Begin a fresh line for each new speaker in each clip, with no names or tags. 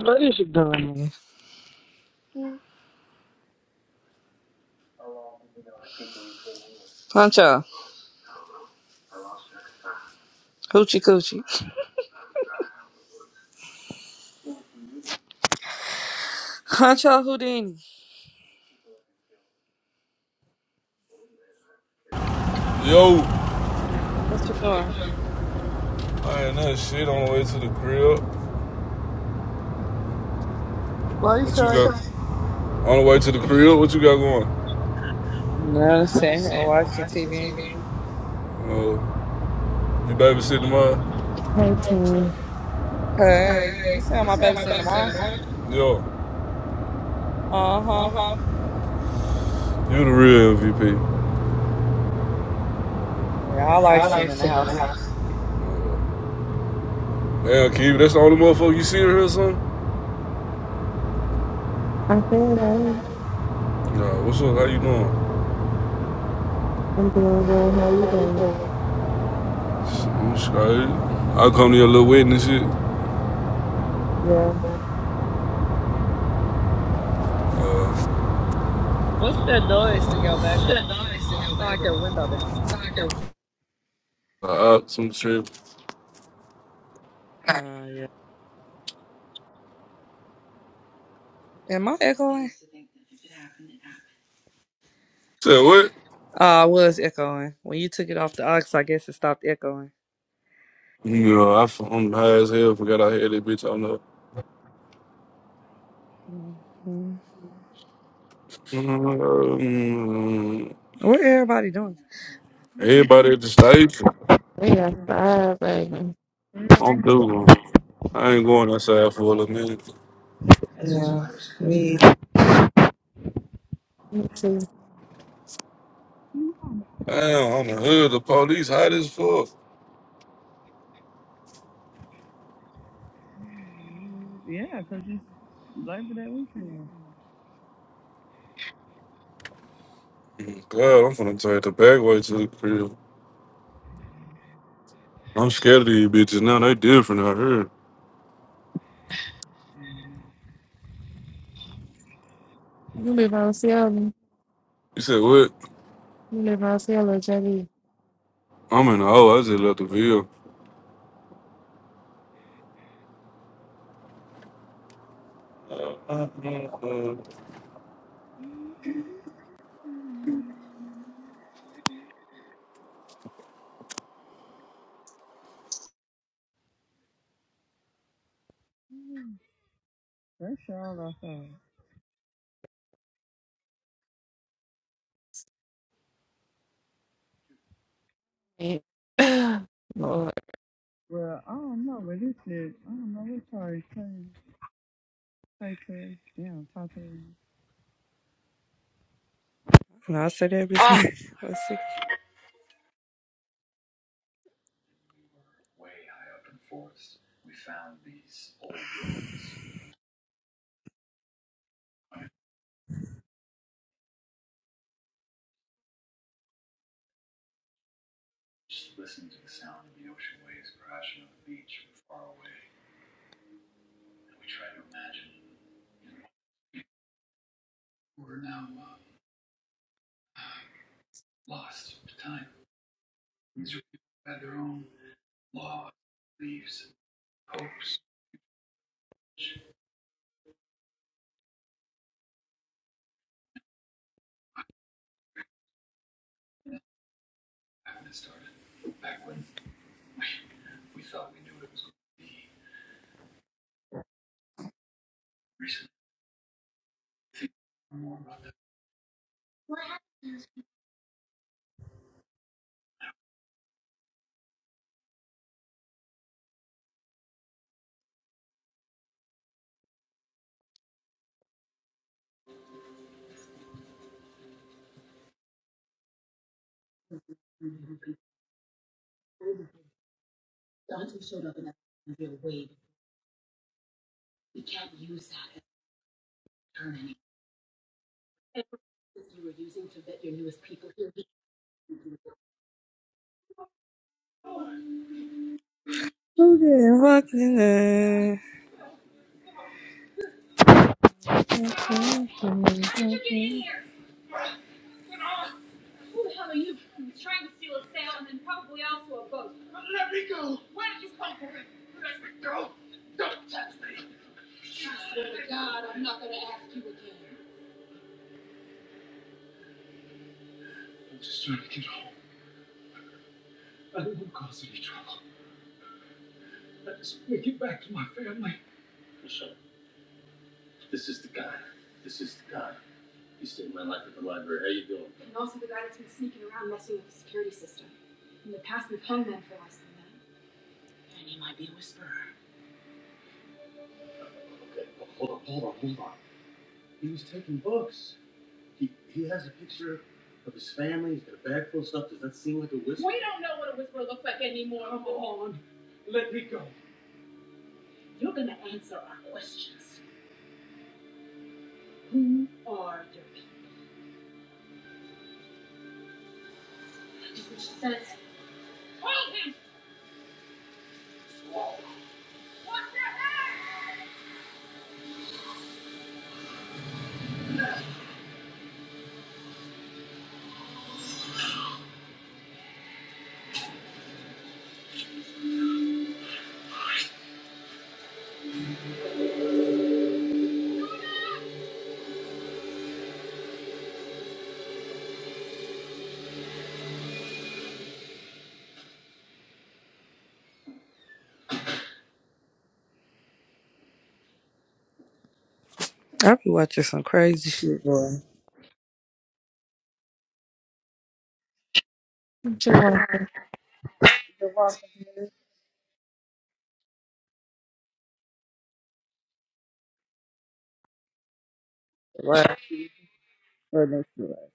What is you doing? Hunt y'all. Hoochie coochie. Hunt y'all Houdini.
Yo,
What you doing?
I ain't nothing shit on the way to the crib.
Why you
What
feel
you
like?
got? On the way to the crib, what you got going?
Nothing.
I'm
Sitting
just
here
sitting here
watching
watching
TV.
TV. Uh, you babysitting mine?
Hey team,
Hey, you
Hey,
see how
you'
my
is how
baby
my
sitting
baby sit
tomorrow?
Yo,
Uh huh.
Uh-huh. you the real MVP.
Yeah, I like
I
sitting
like
in the
sitting in the
house.
house. Damn, Keith, that's the only motherfucker you see here, son?
I feel like
Nah, what's up? How you doing?
I'm doing good. How you doing?
Shit, I'm straight. I come to your little wedding and shit.
Yeah,
Uh,
What's that noise in your background? Sound like your window down.
Uh, uh, some shit.
Oh, yeah. Am I echoing?
Said what?
Oh, I was echoing. When you took it off the ox, I guess it stopped echoing.
No, know, I, f- I'm high as hell. Forgot I had that bitch on the.
hmm
Mm,
What everybody doing?
Everybody at the station.
we got five, baby.
I'm doing. I ain't going outside for a little minute.
Yeah.
Me too.
Damn, I'm in the hood. The police hot as fuck.
Yeah, 'cause it's Labor Day weekend.
Mm, God, I'm finna take the back way to the crib. I'm scared of these bitches now. They different out here.
You live out of Seattle.
You said what?
You live out of Seattle, JD.
I'm in the hole. I just left the vehicle.
That's all I thought.
Lord,
Well, I don't know, but this is, I don't know, it's already crazy. Say crazy. Yeah, talk to me. No, I said that bitch. Ah, before. let Who getting fucked in the I be watching some crazy shit, boy.
what you want?
The Walking Dead. Wow. Or next to it.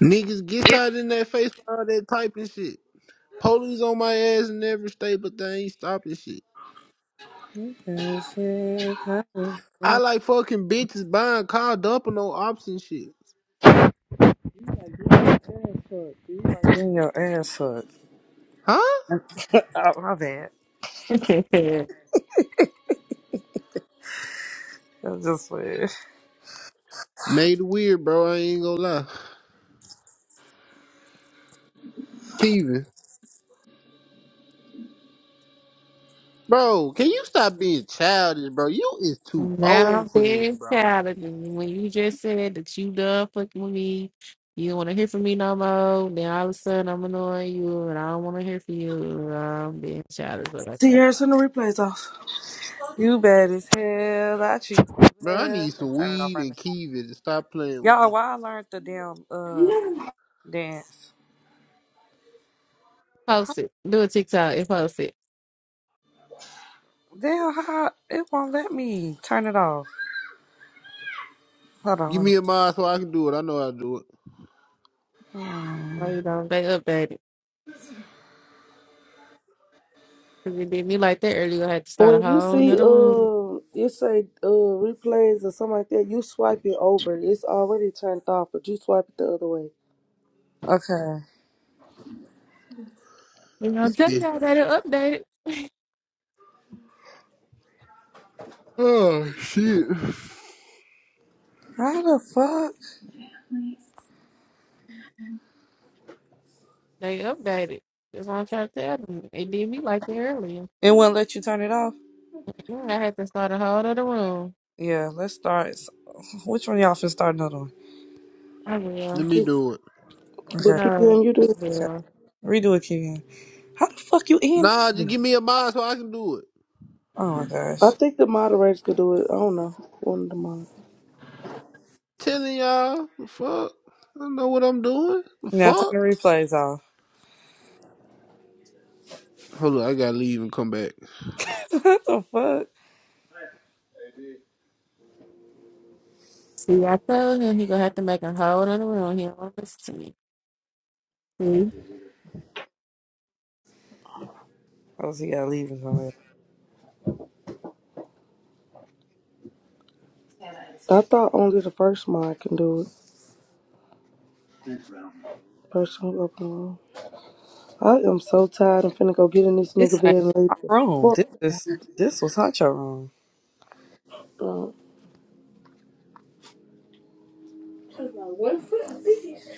Niggas get shot in their face for all that typing shit. Police on my ass in every state, but they ain't stopping shit. I like fucking bitches buying car dumping on ops and shit.
Getting your ass hooked.
Huh?
oh, my bad. That's just weird.
Made it weird, bro. I ain't gonna lie. Steven. Bro, can you stop being childish, bro? You is too
now
old for this,
big
bro.
challenging. When you just said that you done fucking with me, you don't want to hear from me no more. Then all of a sudden I'm annoying you, and I don't want to hear from you. I'm being childish, but okay.
Sierra, send the replays off.
You bad as hell. I treat you
Bro, I
well.
need some
Turn it off
weed
right now.
and Keevan to stop playing with
Y'all,
me.
why I learned the damn uh dance.
Post it. Do a TikTok and post it.
Damn, how it won't let me turn it off. Hold
Give
on.
me a mod so I can do it. I know how to do it.
Hmm,
Why you don't? They updated. If it did me like that earlier, I had to start
When
a
you
whole
see
another one.
uh you say uh replays or something like that, you swipe it over. It's already turned off, but you swipe it the other way.
Okay.
You know, I'm
This
telling
bitch.
y'all that it updated.
Oh, shit.
How the fuck?
They updated. That's what I'm trying to tell them. It did me like that earlier.
It won't let you turn it off?
Yeah, I had to start a whole other room.
Yeah, let's start. S- Which one y'all finna start another one?
I
Let
will.
me
Keep,
do it.
Okay,
but keep
No,
hearing you do
I
it.
okay.
will.
Redo it, Keegan. How the fuck you end it?
Nah, just give me a mod so I can do it.
Oh my
I
gosh.
think the moderators could do it. I don't know. One of the mod.
Telling y'all, fuck. I don't know what I'm doing.
Now turn
Fuck.
the replays off.
Hold on, I gotta leave and come back.
what the fuck?
See, I told him he gonna have to make a whole other room. He don't want to listen to me. See,
Oh, see, y'all leaving somewhere.
I thought only the first mod can do it. First one up and room. I am so tired. I'm finna go get in this nigga
This
bed
ain't
and lay
my
the
room.
fuck.
This is, this was Huncho room.
down.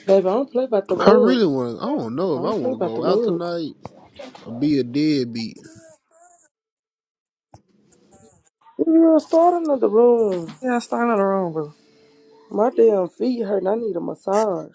baby, I don't play about them
I really
Uggs.
want. to I don't know
I
if I
don't play
want to
about
go
them
out
Uggs.
tonight or be a deadbeat.
You're starting in the room.
Yeah, start another room, bro.
My damn feet hurt. I need a massage.